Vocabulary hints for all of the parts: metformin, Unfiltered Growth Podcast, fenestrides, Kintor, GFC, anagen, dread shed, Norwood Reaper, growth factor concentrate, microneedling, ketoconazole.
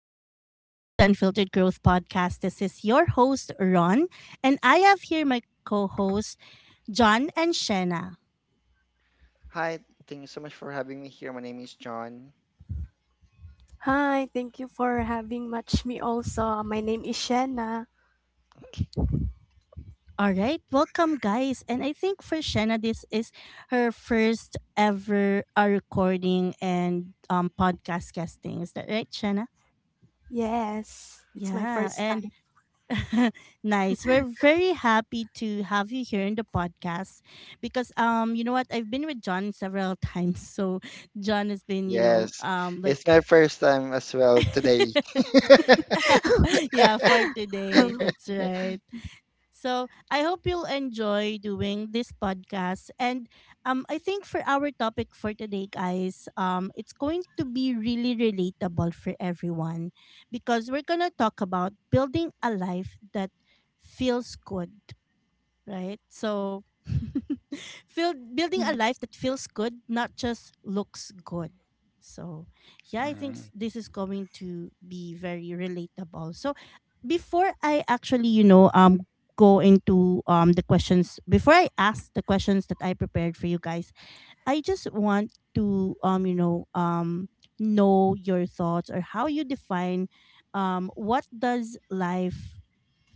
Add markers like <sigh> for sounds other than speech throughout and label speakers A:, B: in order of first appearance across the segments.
A: everyone. Welcome to Unfiltered Growth Podcast. This is your host, Ron, and I have here my co hosts, John and Shenna.
B: Hi, thank you so much for having me here. My name is John.
C: Hi, thank you for having much me also. My name is Shanna.
A: All right, welcome, guys. And I think for Shenna, this is her first ever recording and podcast guesting. Is that right, Shenna?
C: Yes, it's my
A: Yeah,
C: first
A: and
C: time.
A: <laughs> nice. We're very happy to have you here in the podcast because you know what, I've been with John several <laughs> times, so John has been,
B: Yes, it's
A: like
B: my first time as well today.
A: <laughs>
B: <laughs>
A: yeah, for today.
C: <laughs>
A: That's right. So I hope you'll enjoy doing this podcast. And I think for our topic for today, guys, it's going to be really relatable for everyone because we're gonna talk about building a life that feels good, right? So, <laughs> building a life that feels good, not just looks good. So, yeah, I think
B: Mm.
A: this is going to be very relatable. So, before I actually, go into the questions, before I ask the questions that I prepared for you guys, I just want to, know your thoughts, or how you define what does life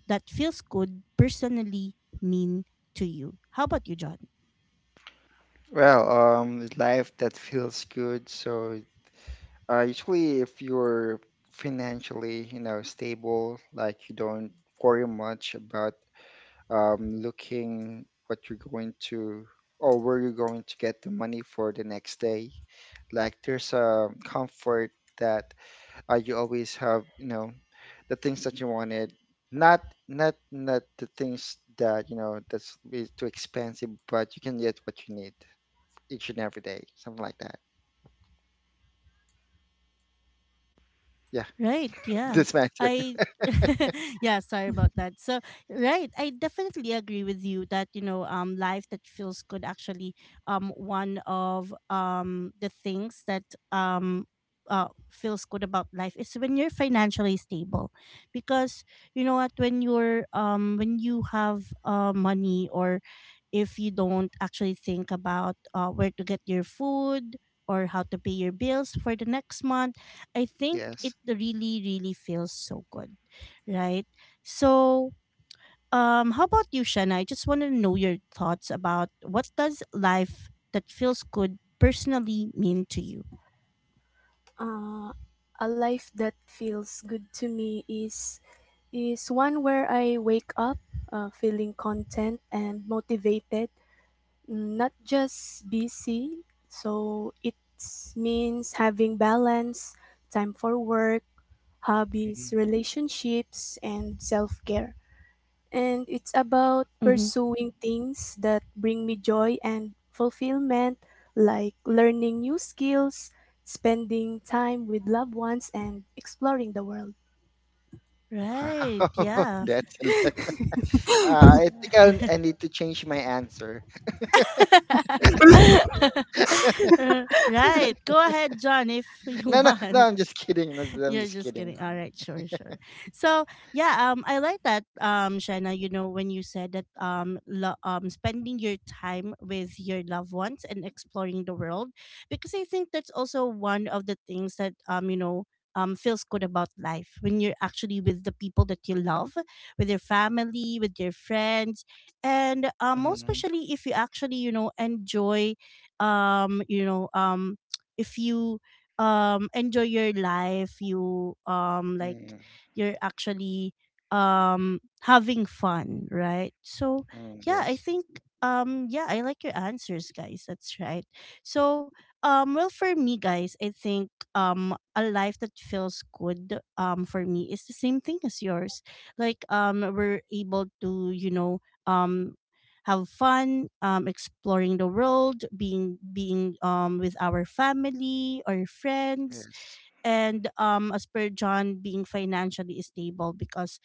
A: that feels good personally mean to you? How about you, John?
B: Life that feels good. Usually if you're financially, you know, stable, like you don't worry much about looking what you're going to or where you're going to get the money for the next day. Like there's a comfort that you always have, you know, the things that you wanted, not not the things that, you know, that's is too expensive, but you can get what you need each and every day, something like that, yeah.
A: Right.
B: <laughs>
A: Yeah.
B: This matter,
A: I <laughs> yeah, sorry about
C: Mm.
A: that. So, right, I definitely agree with you that, life that feels good, actually one of the things that um feels good about life is when you're financially stable. Because you know what, when you have money, or if you don't actually think about where to get your food or how to pay your bills for the next month, I think it
B: yes.
A: really, really feels so good, right? So, how about you, Shanna? I just want to know your thoughts about what does life that feels good personally mean to you?
C: uh, a life that feels good to me is one where I wake up feeling content and motivated, mm, not just busy. So it means having balance, time for work, hobbies,
B: Mhm.
C: relationships, and self care. And it's about
A: Mm-hmm.
C: pursuing things that bring me joy and fulfillment, like learning new skills, spending time with loved ones, and exploring the world.
B: Wow,
A: Right.
B: <laughs>
A: Yeah.
B: that's a lot. I
C: <laughs>
B: think I
A: <laughs>
B: need to change my answer.
A: Right. Go ahead, John, if <laughs>
B: <laughs>
A: you
B: No,
A: want.
B: I'm just kidding. No, no,
A: <laughs>
B: I'm
A: You're
B: just
A: just
B: kidding.
A: kidding. All right, sure, sure. So yeah, I like that, Shaina. You know, when you said that, spending your time with your loved ones and exploring the world, because I think that's also one of the things that, feels good about life, when you're actually with the people that you love, with your family, with your friends, and most
B: Mhm.
A: especially if you actually, enjoy, um, you know, um, if you enjoy your life, you like
B: Mm.
A: you're actually having fun, right? So
B: Mm,
A: yeah, I
B: yes.
A: think yeah, I like your answers, guys. That's right. So, well, for me, guys, I think a life that feels good for me is the same thing as yours. Like, we're able to, um have fun, exploring the world, being with our family or friends,
B: Yes.
A: and as per John, being financially stable, because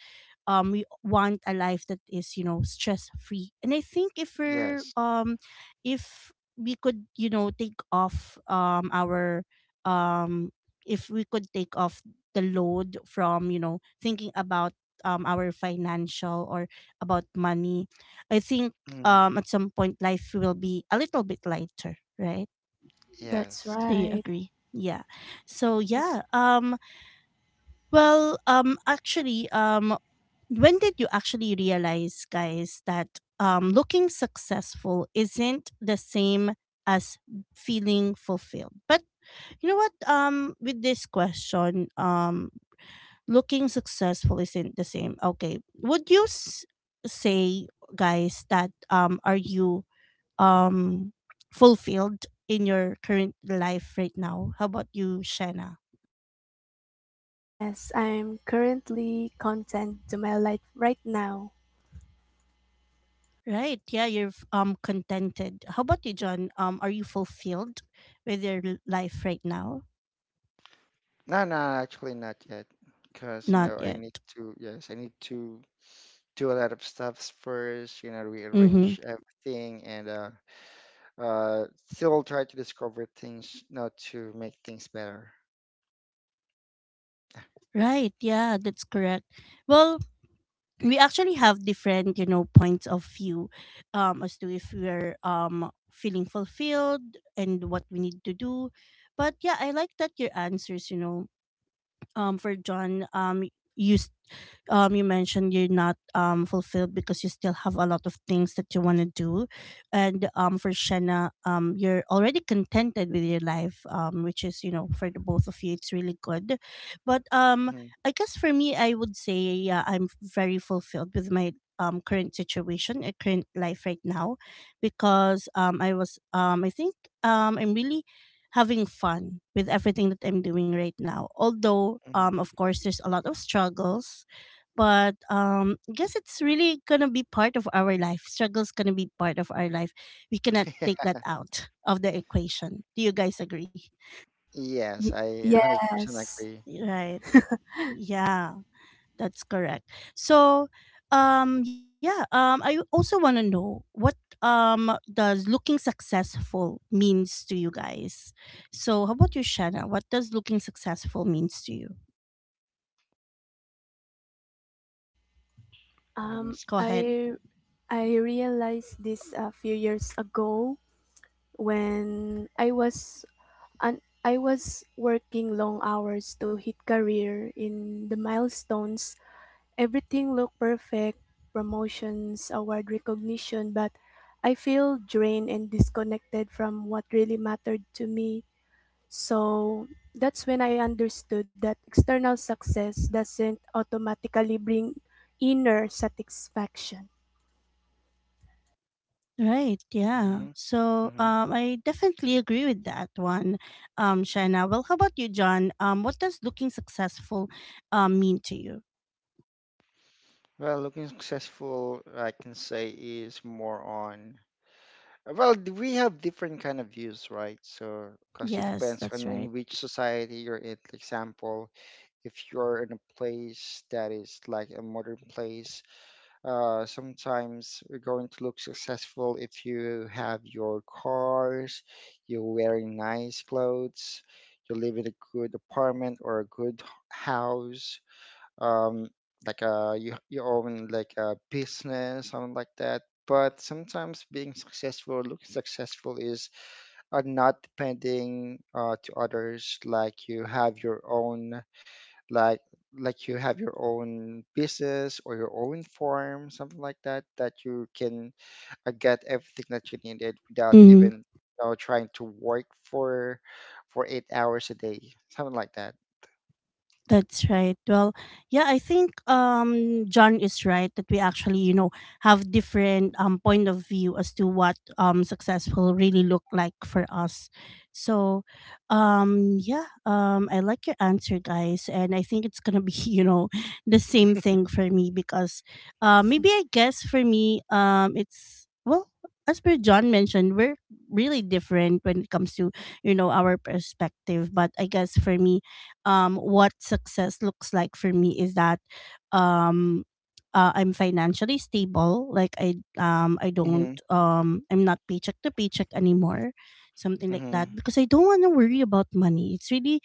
A: we want a life that is, stress free, and I think if we're
B: Yes.
A: if we could, take off our um if we could take off the load from, thinking about our financial, or about money. I think
B: Mm,
A: at some point life will be a little bit lighter, right?
C: That's
B: yes.
A: Do you
C: right.
A: agree? Yeah. So yeah, well, when did you actually realize, guys, that looking successful isn't the same as feeling fulfilled? But you know what? With this question, looking successful isn't the same. Okay, would you say, guys, that, are you um fulfilled in your current life right now? How about you, Shanna?
C: Yes, I'm currently content to my life right now.
A: Right. Yeah, you're contented. How about you, John? Are you fulfilled with your life right now?
B: No, no, actually not yet. Because, you
A: Not
B: know, I
A: yet.
B: need to, yes, I need to do a lot of stuffs first, you know,
A: Mm-hmm.
B: rearrange everything and uh still try to discover things, you know, to make things better.
A: Right. Yeah, that's correct. Well, we actually have different, points of view, as to if we're feeling fulfilled and what we need to do. But yeah, I like that, your answers, for John, you s- you mentioned you're not fulfilled because you still have a lot of things that you want to do, and for Shanna, you're already contented with your life, which is, for the both of you it's really good. But
B: Mhm,
A: I guess for me, I would say yeah, I'm very fulfilled with my current life right now, because I think I'm really having fun with everything that I'm doing right now. Although,
B: mhm.
A: of course, there's a lot of struggles, but I guess it's really gonna be part of our life. Struggles gonna be part of our life. We cannot take that out of the equation. Do you guys agree?
B: Yes,
C: Y-
B: I 100%
C: yes.
B: agree.
A: Right? Yeah. That's correct. So, yeah, I also want to know what does looking successful means to you guys. So, how about you, Shanna? What does looking successful means to you?
B: Looking
C: Um,
A: Go ahead.
B: successful.
C: I I realized this a few years ago when I was and I was working long hours to hit career in the milestones. Everything looked perfect, promotions, award recognition, but I feel drained and disconnected from what really mattered to me. So that's when I understood that external success doesn't automatically bring inner satisfaction.
A: Right. Yeah.
B: Hmm.
A: So,
B: Hmm.
A: I definitely agree with that one, Shanna. Well, how about you, John? What does looking successful, mean to you?
B: Well, looking successful, I can say is more on we have different kind of views, right? So, because it
A: Yes,
B: depends
A: that's
B: on
A: right.
B: in which society you're in. For example, if you're in a place that is like a modern place, sometimes you're going to look successful if you have your cars, you're wearing nice clothes, you live in a good apartment or a good house, um, like you own like a business, something like that. But sometimes being successful, looking successful, is not depending to others. Like you have your own, like like you have your own business or your own farm, something like that, that you can get everything that you needed without even, you know, trying to work for 8 hours a day, something like that.
A: That's right. Well, yeah, I think John is right that we actually, have different point of view as to what successful really look like for us. So, yeah, I like your answer, guys, and I think it's going to be, <laughs> the same thing for me, because maybe, I guess for me it's, well, as per John mentioned, we're really different when it comes to, our perspective. But I guess for me, what success looks like for me is that, um, I'm financially stable. Like,
B: Mm-hmm.
A: I'm not paycheck to paycheck anymore, something like
B: Mm-hmm.
A: that. Because I don't want to worry about money. It's really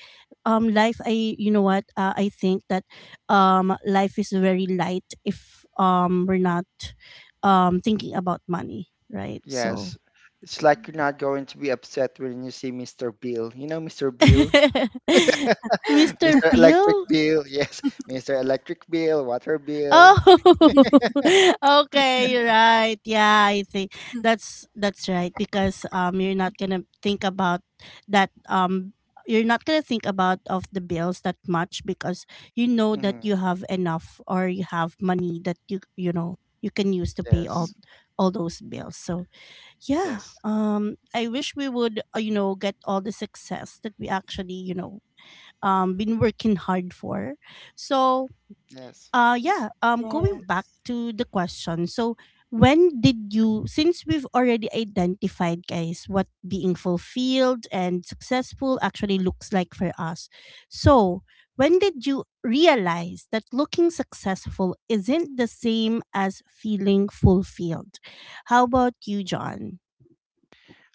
A: life. I You know what, I think that life is very light if we're not thinking about money, right? So,
B: Yes. It's like you're not going to be upset when you see Mr. Bill. You know Mr. Bill?
A: <laughs>
B: <laughs>
A: Mr.
B: Mr.
A: Peel.
B: Electric Bill. <laughs> Yes. Mr. Electric Bill, water bill.
A: Oh, <laughs> okay, you're right. Yeah, I think that's right, because that um you're not gonna think about of the bills that much, because you know
B: Hmm.
A: that you have enough, or you have money that you know you can use to pay
B: Yes.
A: all those bills. So yeah,
B: Yes.
A: I wish we would, get all the success that we actually, been working hard for. So
B: Yes.
A: yeah, going back
C: Yes.
A: to the question. So, when did you since we've already identified, guys, what being fulfilled and successful actually looks like for us, so, when did you realize that looking successful isn't the same as feeling fulfilled? How about you, John?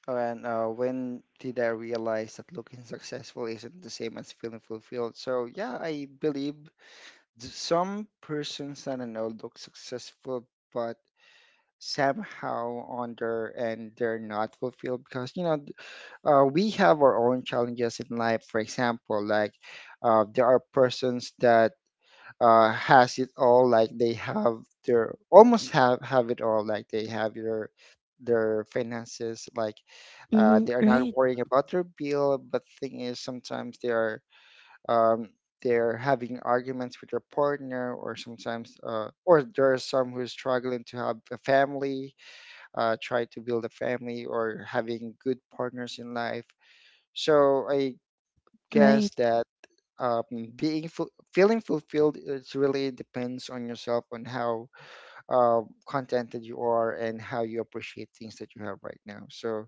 B: Oh, and when did I realize that looking successful isn't the same as feeling fulfilled? So, yeah, I believe some persons, I don't know, look successful, but somehow on their end, they're not fulfilled because, you know, we have our own challenges in life. For example, like there are persons that has it all, like they have their, almost have it all, like they have their finances, like
A: Mm-hmm.
B: they are
A: Right,
B: not worrying about their bill. But thing is, sometimes they are um, they're having arguments with their partner, or sometimes, or there are some who's struggling to have a family, try to build a family, or having good partners in life. So I
A: right.
B: guess that um, feeling fulfilled is really depends on yourself, on how uh, contented you are and how you appreciate things that you have right now. So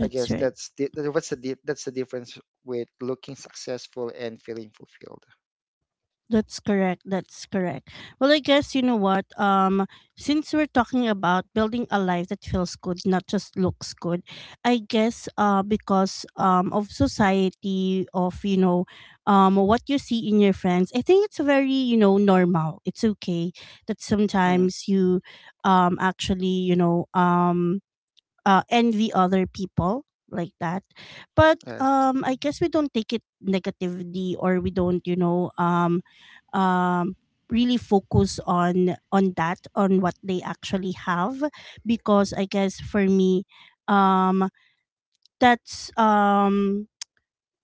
B: I guess
A: right.
B: that's the, what's the that's the difference with looking successful and feeling fulfilled.
A: That's correct. That's correct. Well, I guess, you know what? Since we're talking about building a life that feels good, not just looks good, I guess because of society, of, what you see in your friends, I think it's very, normal. It's okay that
B: Mm,
A: sometimes you actually, envy other people, like that. But
B: yes.
A: I guess we don't take it negatively, or we don't, um, really focus on that, on what they actually have, because I guess for me, um, that's.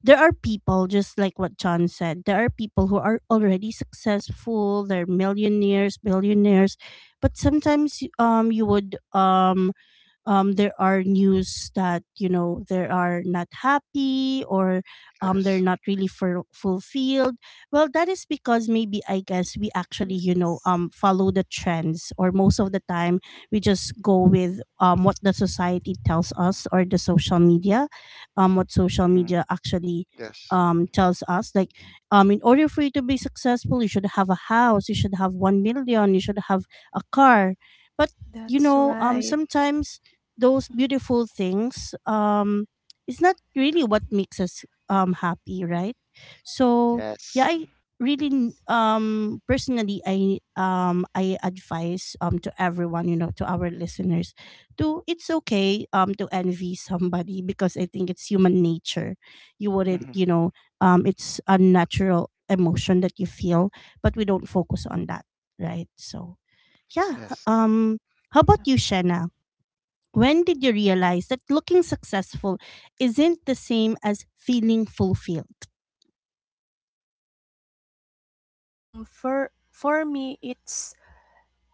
A: There are people, just like what John said. There are people who are already successful, they're millionaires, billionaires, but sometimes, you would there are news that, they are not happy, or they're
B: Yes.
A: not really, fulfilled. Well, that is because, maybe I guess we actually,
C: Yes.
A: follow the trends, or most of the time we just go with, what the society tells us, or the social media, what social
B: Mm,
A: media actually
B: yes.
A: tells us, like, in order for you to be successful, you should have a house, you should have 1 million, you should have a car. But,
C: That's right.
A: sometimes those beautiful things, it's not really what makes us happy, right? So, yeah,
B: Yes.
A: I really, personally, I advise, to everyone, to our listeners, to, it's okay to envy somebody, because I think it's human nature. You wouldn't,
B: Mm,
A: it's a natural emotion that you feel, but we don't focus on that, right? So, yeah,
B: yes.
A: how about you, Shanna? When did you realize that looking successful isn't the same as feeling fulfilled?
C: Mm, for me it's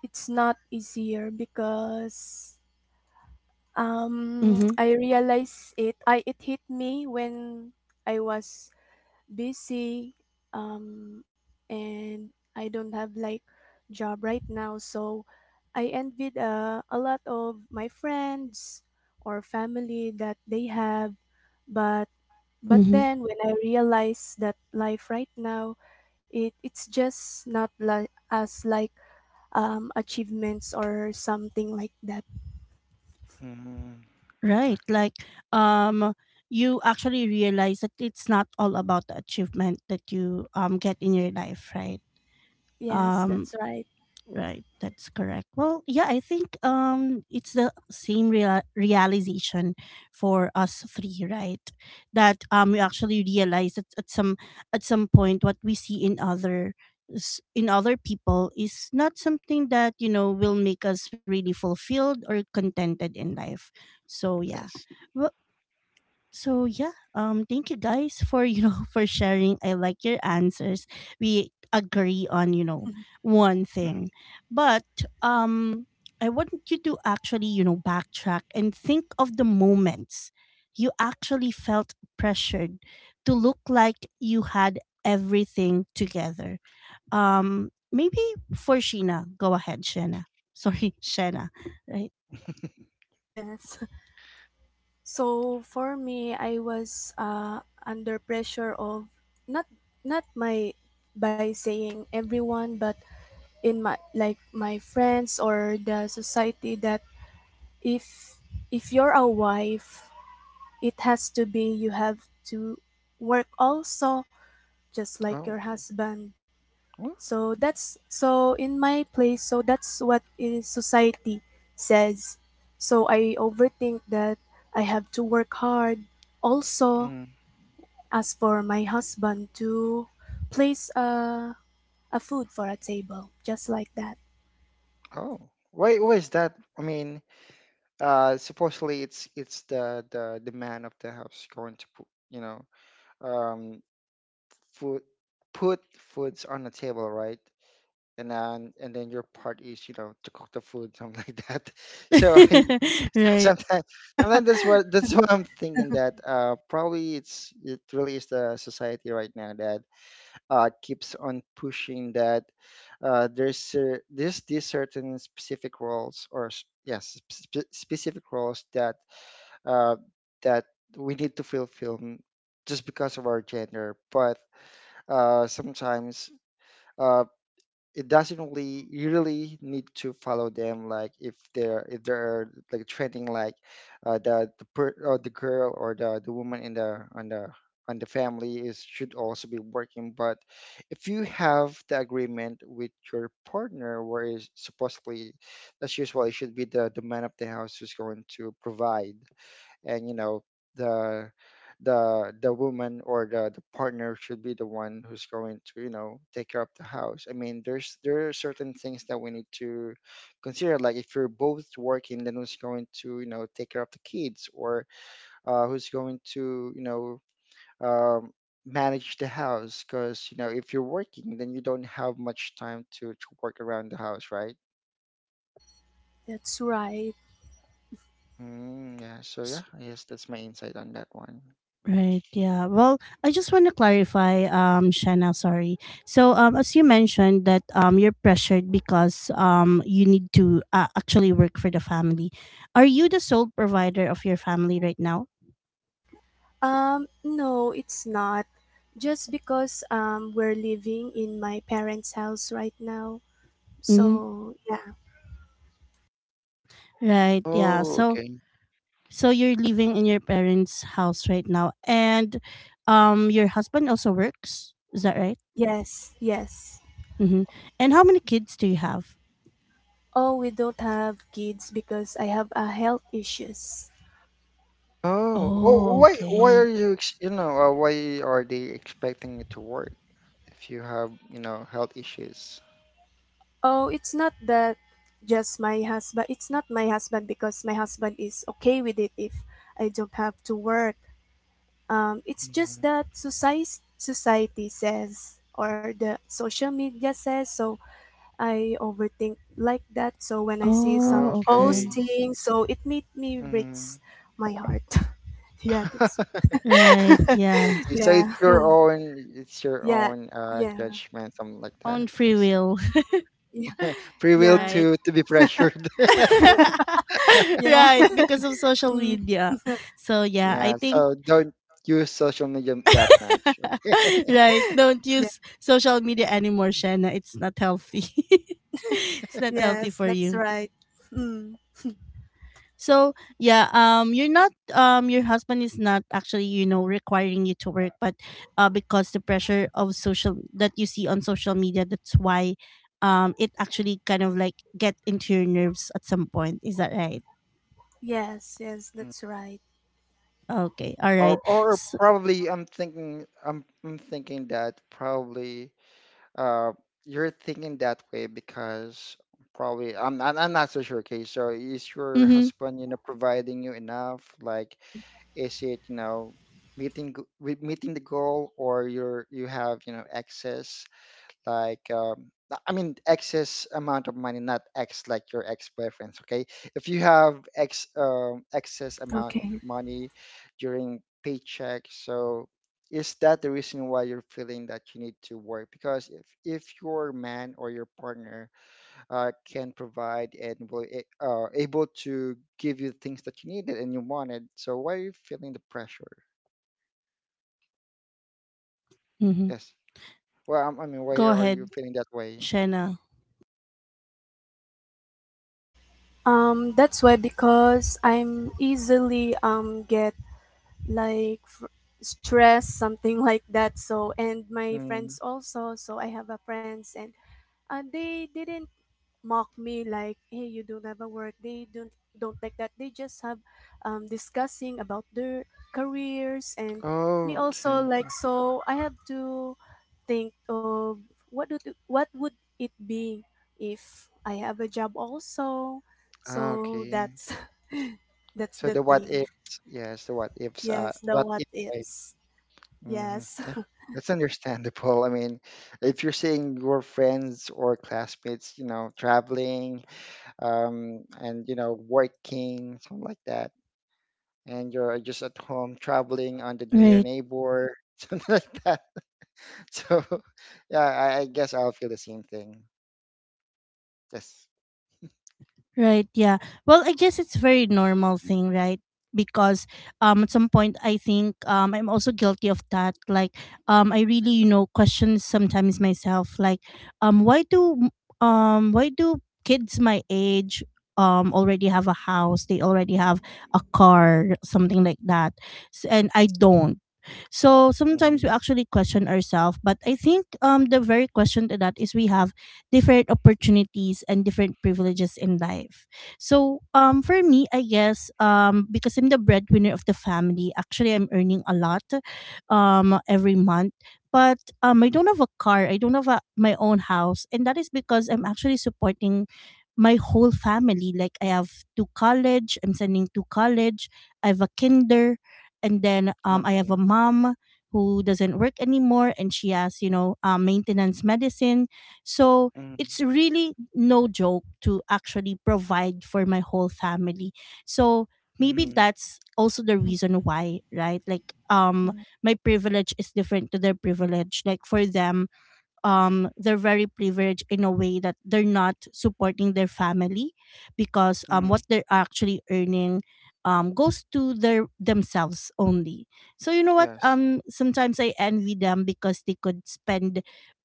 C: it's not easier because
A: Mm-hmm.
C: <tsk> I realized it hit me when I was busy um and I don't have like job right now, so I envied a lot of my friends or family that they have. But
A: Mm-hmm.
C: then when I realized that life right now, it's just not like as like achievements or something like that.
B: Mm, ah,
A: Right. Like, um, you actually realize that it's not all about the achievement that you get in your life, right?
C: Yes,
A: Um,
C: that's right.
A: right, that's correct. Well, yeah, I think it's the same realization for us three, right? That we actually realize that at some point what we see in in other people is not something that, you know, will make us really fulfilled or contented in life. So, yeah.
B: yes.
A: Well, so thank you guys for <laughs> for sharing. I like your answers. We agree on, you know,
C: <laughs>
A: one
B: Mhm.
A: thing, but um I want you to actually, you know, backtrack and think of the moments you actually felt pressured to look like you had everything together. Maybe, for sheena go ahead, Sheena. Sorry. <laughs> Sheena, right.
B: <laughs>
C: yes. <laughs> So for me, I was under pressure of not not my, by saying everyone, but in my like my friends or the society that if if you're a wife, it has to be you have to work also just like
B: Oh,
C: your husband.
B: oh,
C: So that's, so in my place, so that's what is society says. So I overthink that I have to work hard. Also,
B: mm,
C: as for my husband to place a food for a table, just like that.
B: oh. Why is that? I mean, supposedly it's the the man of the house going to put, you know, um, food, put foods on the table, right? And then your part is, you know, to cook the food, <laughs> something like that. <laughs> So I
A: <laughs>
B: <laughs>
A: Right.
B: sometimes sometimes that's what I'm thinking, that uh, probably it's, it really is the society right now that uh, keeps on pushing that uh, there's these certain specific roles yes, specific roles that uh that we need to fulfill just because of our gender. But uh, sometimes uh, it doesn't really, you really need to follow them, like if they're, like trending, like or the girl or the woman in the on the family is should also be working. But if you have the agreement with your partner where is supposedly that's usually should be the man of the house who's going to provide and, you know, the, the woman or the partner should be the one who's going to, you know, take care of the house. I mean, there are certain things that we need to consider, like if you're both working, then who's going to, you know, take care of the kids, or who's going to, you know, um, manage the house, because, you know, if you're working, then you don't have much time to work around the house, right?
C: That's right.
B: Mm, yeah. So
A: S-
B: yeah, I guess that's my insight on that one.
A: Right. Yeah. Well, I just want to clarify, Shanna, sorry. So, as you mentioned that you're pressured because you need to, actually work for the family. Are you the sole provider of your family right now?
C: Um, no, it's not. Just because we're living in my parents' house right now.
A: Mm-hmm.
C: So yeah.
A: Right. Yeah.
B: Oh,
A: So,
B: okay.
A: so you're living in your parents' house right now, and your husband also works. Is that right?
C: Yes, yes.
A: Mm-hmm. And how many kids do you have?
C: Oh, we don't have kids because I have a health issues.
B: Oh, oh,
A: Oh,
B: why
A: okay.
B: are you, you know, why are they expecting you to work if you have, you know, health issues?
C: Oh, it's not that, just my husband. It's not my husband because my husband is okay with it if I don't have to work. It's just
B: Mhm.
C: that society says or the social media says, so I overthink like that. So when I see some
A: Oh, okay.
B: Okay.
C: posting, so it made me breaks
B: Mm.
C: my heart. <laughs> yeah, that's
B: <laughs>
A: Right.
B: I
A: Yeah.
C: <laughs>
B: see. So
C: yeah. Oh,
B: it's your
C: yeah.
B: own
C: Yeah.
B: judgment, something like that.
A: On
B: I
A: free
B: see.
A: will. <laughs>
C: Yeah.
B: Free will
A: Right.
C: Yes.
B: to be pressured. <laughs>
A: <laughs>
C: Yeah.
A: Right. Because of
C: <laughs>
A: social
C: Mm.
A: media. So yeah,
C: Yeah.
A: I
B: Yeah.
A: think.
B: So don't use social media that much. Okay.
A: <laughs> Right. Don't
C: Yeah.
A: use social media anymore, Shanna. It's not healthy. <laughs> It's not healthy
C: Yes,
A: for
C: that's
A: you.
C: right. Mm.
A: So yeah, you're not, your husband is not actually, you know, requiring you to work, but, because the pressure of social that you see on social media, that's why, it actually kind of like get into your nerves at some point. Is that right?
C: Yes, yes,
B: Mm.
C: that's right.
A: Okay, all right.
B: Or
A: So,
B: probably I'm thinking that probably uh, you're thinking that way because probably I'm not so sure. Okay, so is your
A: mm-hmm,
B: husband, you know, providing you enough? Like,
C: Okay.
B: is it, you know, with meeting the goal, or you're, you have, you know, excess? Like, I mean, excess amount of money, not ex like your ex-boyfriends. Okay, if you have ex excess amount of
C: Okay.
B: money during paycheck. So is that the reason why you're feeling that you need to work? Because if your man or your partner can provide and will able to give you things that you needed and you wanted, so why are you feeling the pressure?
A: mm-hmm.
B: Yes, well, I mean, why
A: Go
B: are you
A: ahead,
B: feeling that way?
A: Shanna.
C: That's why, because I'm easily get like stress something <laughs> like that. So and my
B: Mm.
C: friends also, so I have a friends and they didn't mock me like, hey, you don't have a work. They don't like that. They just have discussing about their careers and
B: Oh,
C: me also,
B: okay.
C: like, so I have to think of what would it be if I have a job also.
B: Ah,
C: So
B: okay.
C: that's <laughs> that's
B: So
C: the
B: the what
C: thing.
B: ifs, yes, the what ifs,
C: Yes, the
B: what
C: what
B: if I,
C: ifs.
B: hmm.
C: Yes.
B: Yeah, that's understandable. <laughs> I mean, if you're seeing your friends or classmates, you know, traveling, and you know, working, something like that, and you're just at home, traveling on the near
A: Right.
B: neighbor, <laughs> something like that. So, <laughs> yeah, I guess I'll feel the same thing. Yes.
A: Right, yeah. Well, I guess it's very normal thing, right? Because at some point I think I'm also guilty of that. Like I really, you know, question sometimes myself like um why do um, why do kids my age already have a house, they already have a car, something like that. S and I don't. So sometimes we
B: Hmm.
A: actually question ourselves, but I think the very question to that is we have different opportunities and different privileges in life. So, for me, I guess, because I'm the breadwinner of the family, actually, I'm earning a lot, every month. But I don't have a car. I don't have a, my own house, and that is because I'm actually supporting my whole family. Like I have two college. I'm sending to college. I have a kinder, and then I have a
B: Okay.
A: mom who doesn't work anymore, and she has, you know, maintenance medicine. So
B: Mm-hmm.
A: it's really no joke to actually provide for my whole family. So maybe
B: Mm-hmm.
A: that's also the reason why, right? Like my privilege is different to their privilege. Like for them, they're very privileged in a way that they're not supporting their family because
B: Mm.
A: what they're actually earning goes to their themselves only. So you know what?
B: Yes.
A: Sometimes I envy them because they could spend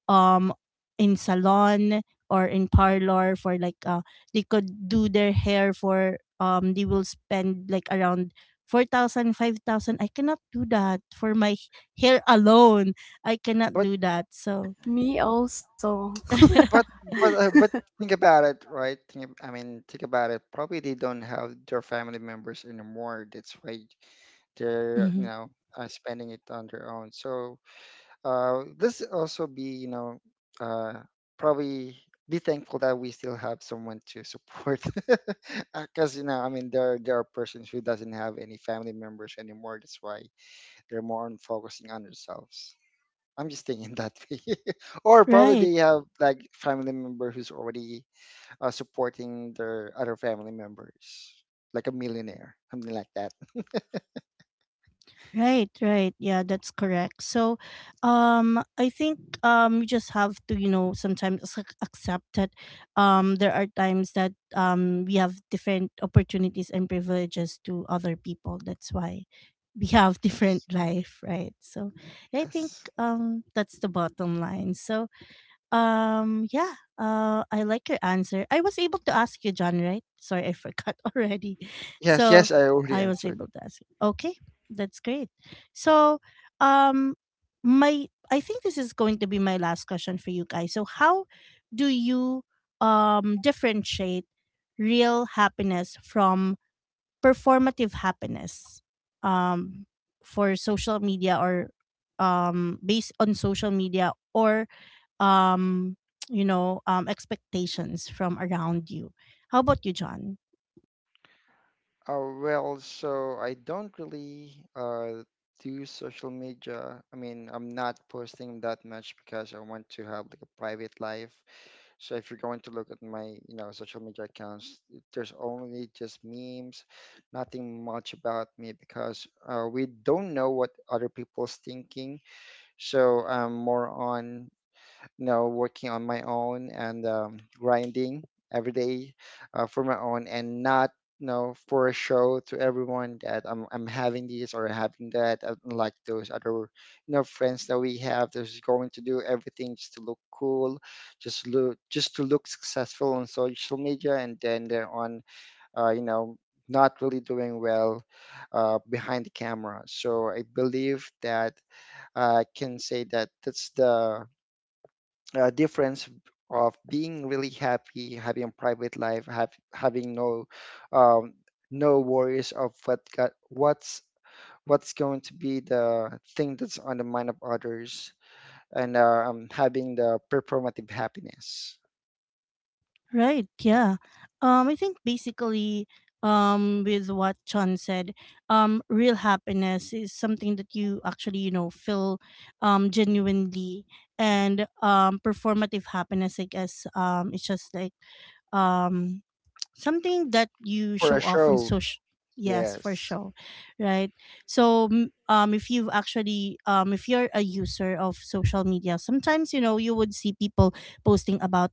A: um, in salon or in parlor for like, they could do their hair for they will spend like around 4,000 5,000. I cannot do that for my hair alone. I cannot
B: But
A: do that. So,
C: <laughs> Me also.
B: But
A: <laughs>
B: but think about it, right? I mean, think about it. Probably they don't have their family members anymore. That's why they're, you
A: hmm
B: know, spending it on their own. So this also be, you know, uh, probably be thankful that we still have someone to support. <laughs> Because, you know, I mean, there are persons who doesn't have any family members anymore. That's why they're more on focusing on themselves. I'm just thinking that way. <laughs> Or probably
A: Right,
B: they have like family member who's already supporting their other family members, like a millionaire, something like that.
A: right. Yeah, that's correct. So, I think you just have to, you know, sometimes accept that there are times that we have different opportunities and privileges to other people. That's why we have <laughs> different
B: Yes,
A: life, right? So, yeah, I think
B: yes.
A: that's the bottom line. So, yeah. I like your answer. I was able to ask you, John, right? Sorry, I forgot <laughs> already.
B: Yes,
A: So
B: yes. I already
A: I was
B: answered.
A: able to ask you. Okay, that's great. So, um, my, I think this is going to be my last question for you guys. So, how do you differentiate real happiness from performative happiness? Um, for social media or based on social media or um you know, expectations from around you. How about you, John?
B: Well, so I don't really uh, do social media. I mean, I'm not posting that much because I want to have like a private life. So if you're going to look at my, you know, social media accounts, there's only just memes, nothing much about me because we don't know what other people's thinking. So I'm more on, you know, working on my own and grinding every day for my own and not, you know, for a show to everyone that I'm having this or having that, like those other, you know, friends that we have that's going to do everything just to look cool, just to look successful on social media, and then they're on, you know, not really doing well behind the camera. So I believe that I can say that that's the difference of being really happy, having a private life, having no um, no worries of what got, what's going to be the thing that's on the mind of others, and having the performative happiness,
A: Right, yeah. I think basically, with what John said, real happiness is something that you actually, you know, feel genuinely, and performative happiness, I guess, it's just like um something that you
B: for
A: show
B: a
A: off on
B: show.
A: social. Yes, for
B: Yes,
A: sure. Right. So if you've actually, if you're a user of social media, sometimes, you know, you would see people posting about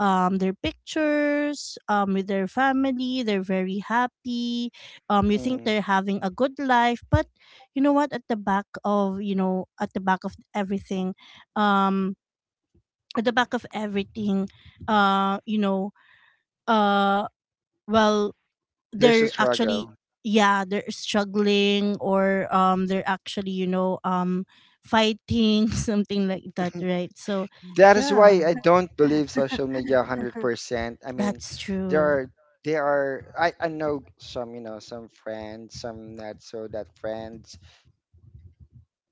A: their pictures with their family. They're very happy. You think
B: mm,
A: they're having a good life, but you know what, at the back of everything, um at the back of everything you know uh well
B: there's a
A: they're actually,
B: struggle.
A: yeah, they're struggling, or they're actually, you know, fighting <laughs> something like that, right? So
B: That is
A: yeah,
B: why I don't believe social media 100%. I mean,
A: that's
B: there
A: true.
B: are there are I know some, you know, some friends, some not so that friends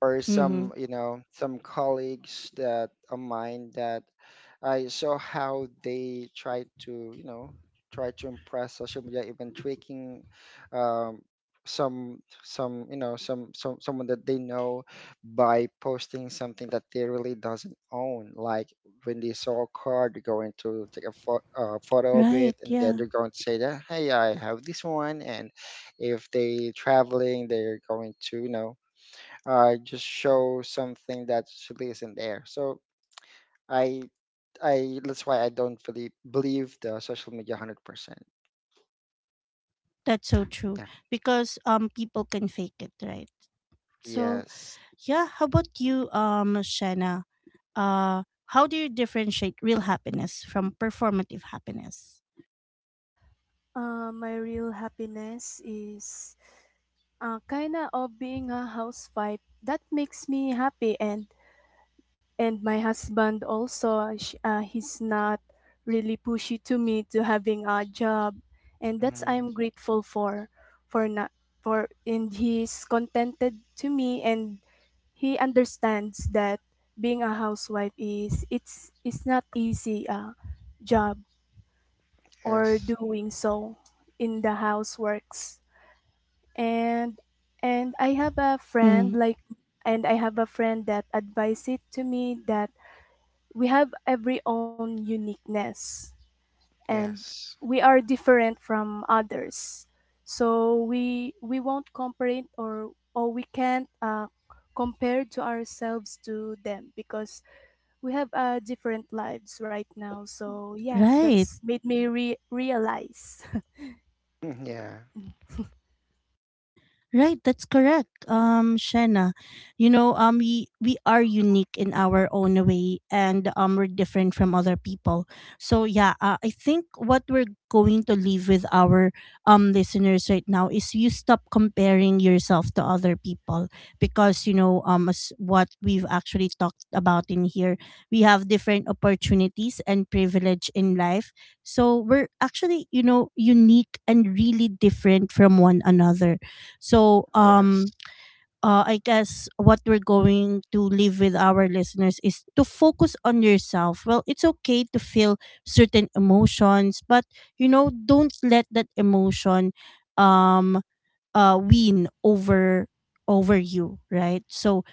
B: or
A: Mm-hmm.
B: some, you know, some colleagues that of mine that I saw how they try to, you know, try to impress social media, even tweaking um, some you know, someone that they know, by posting something that they really doesn't own. Like when they saw a car, they're going to take a photo of it,
A: Right,
B: and then
A: yeah,
B: they're going to say that, hey, I have this one, and if they traveling, they're going to, you know, just show something that actually isn't there. So I, I, that's why I don't really believe the social media 100%.
A: that's so true,
B: Yeah.
A: because people can fake it, right? So
B: Yes.
A: yeah, how about you, Shanna? uh how do you differentiate real happiness from performative happiness?
C: My real happiness is kinda of being a housewife that makes me happy. And my husband also he's not really pushy to me to having a job, and that's
B: Mm,
C: I'm grateful for. For not for and he's contented to me, and he understands that being a housewife is it's not easy job or
B: yes.
C: doing so in the houseworks. And and I have a friend
A: Mm.
C: like, and I have a friend that advised it to me that we have every own uniqueness, and
B: Yes.
C: we are different from others. So we won't compare it, or we can't compare to ourselves to them because we have different lives right now. So yeah,
A: Right.
C: that's made me realize.
B: Mhm. Yeah.
A: Right, that's correct. Shena, you know, we are unique in our own way, and we're different from other people. So yeah, I think what we're going to leave with our listeners right now is you stop comparing yourself to other people, because you know, as what we've actually talked about in here, we have different opportunities and privilege in life. So we're actually, you know, unique and really different from one another, so
B: Yes.
A: I guess what we're going to leave with our listeners is to focus on yourself. Well, it's okay to feel certain emotions, but you know, don't let that emotion um win over you, right? So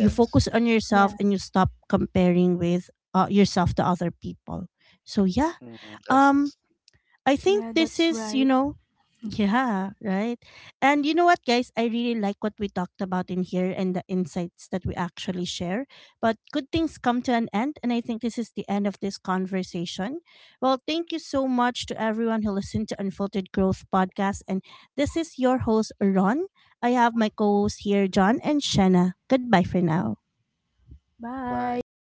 C: <laughs> Yeah.
A: focus on yourself
C: Yeah.
A: and you stop comparing with, yourself to other people. So yeah,
B: Mm,
A: um
B: yes.
A: I think
C: Yeah,
A: this
C: that's
A: is, you
C: right.
A: know, yeah, right. And you know what, guys? I really like what we talked about in here and the insights that we actually share. But good things come to an end. And I think this is the end of this conversation. Well, thank you so much to everyone who listened to Unfiltered Growth Podcast. And this is your host, Ron. I have my co hosts here, John and Shanna. Goodbye for now.
B: Bye.
C: Bye.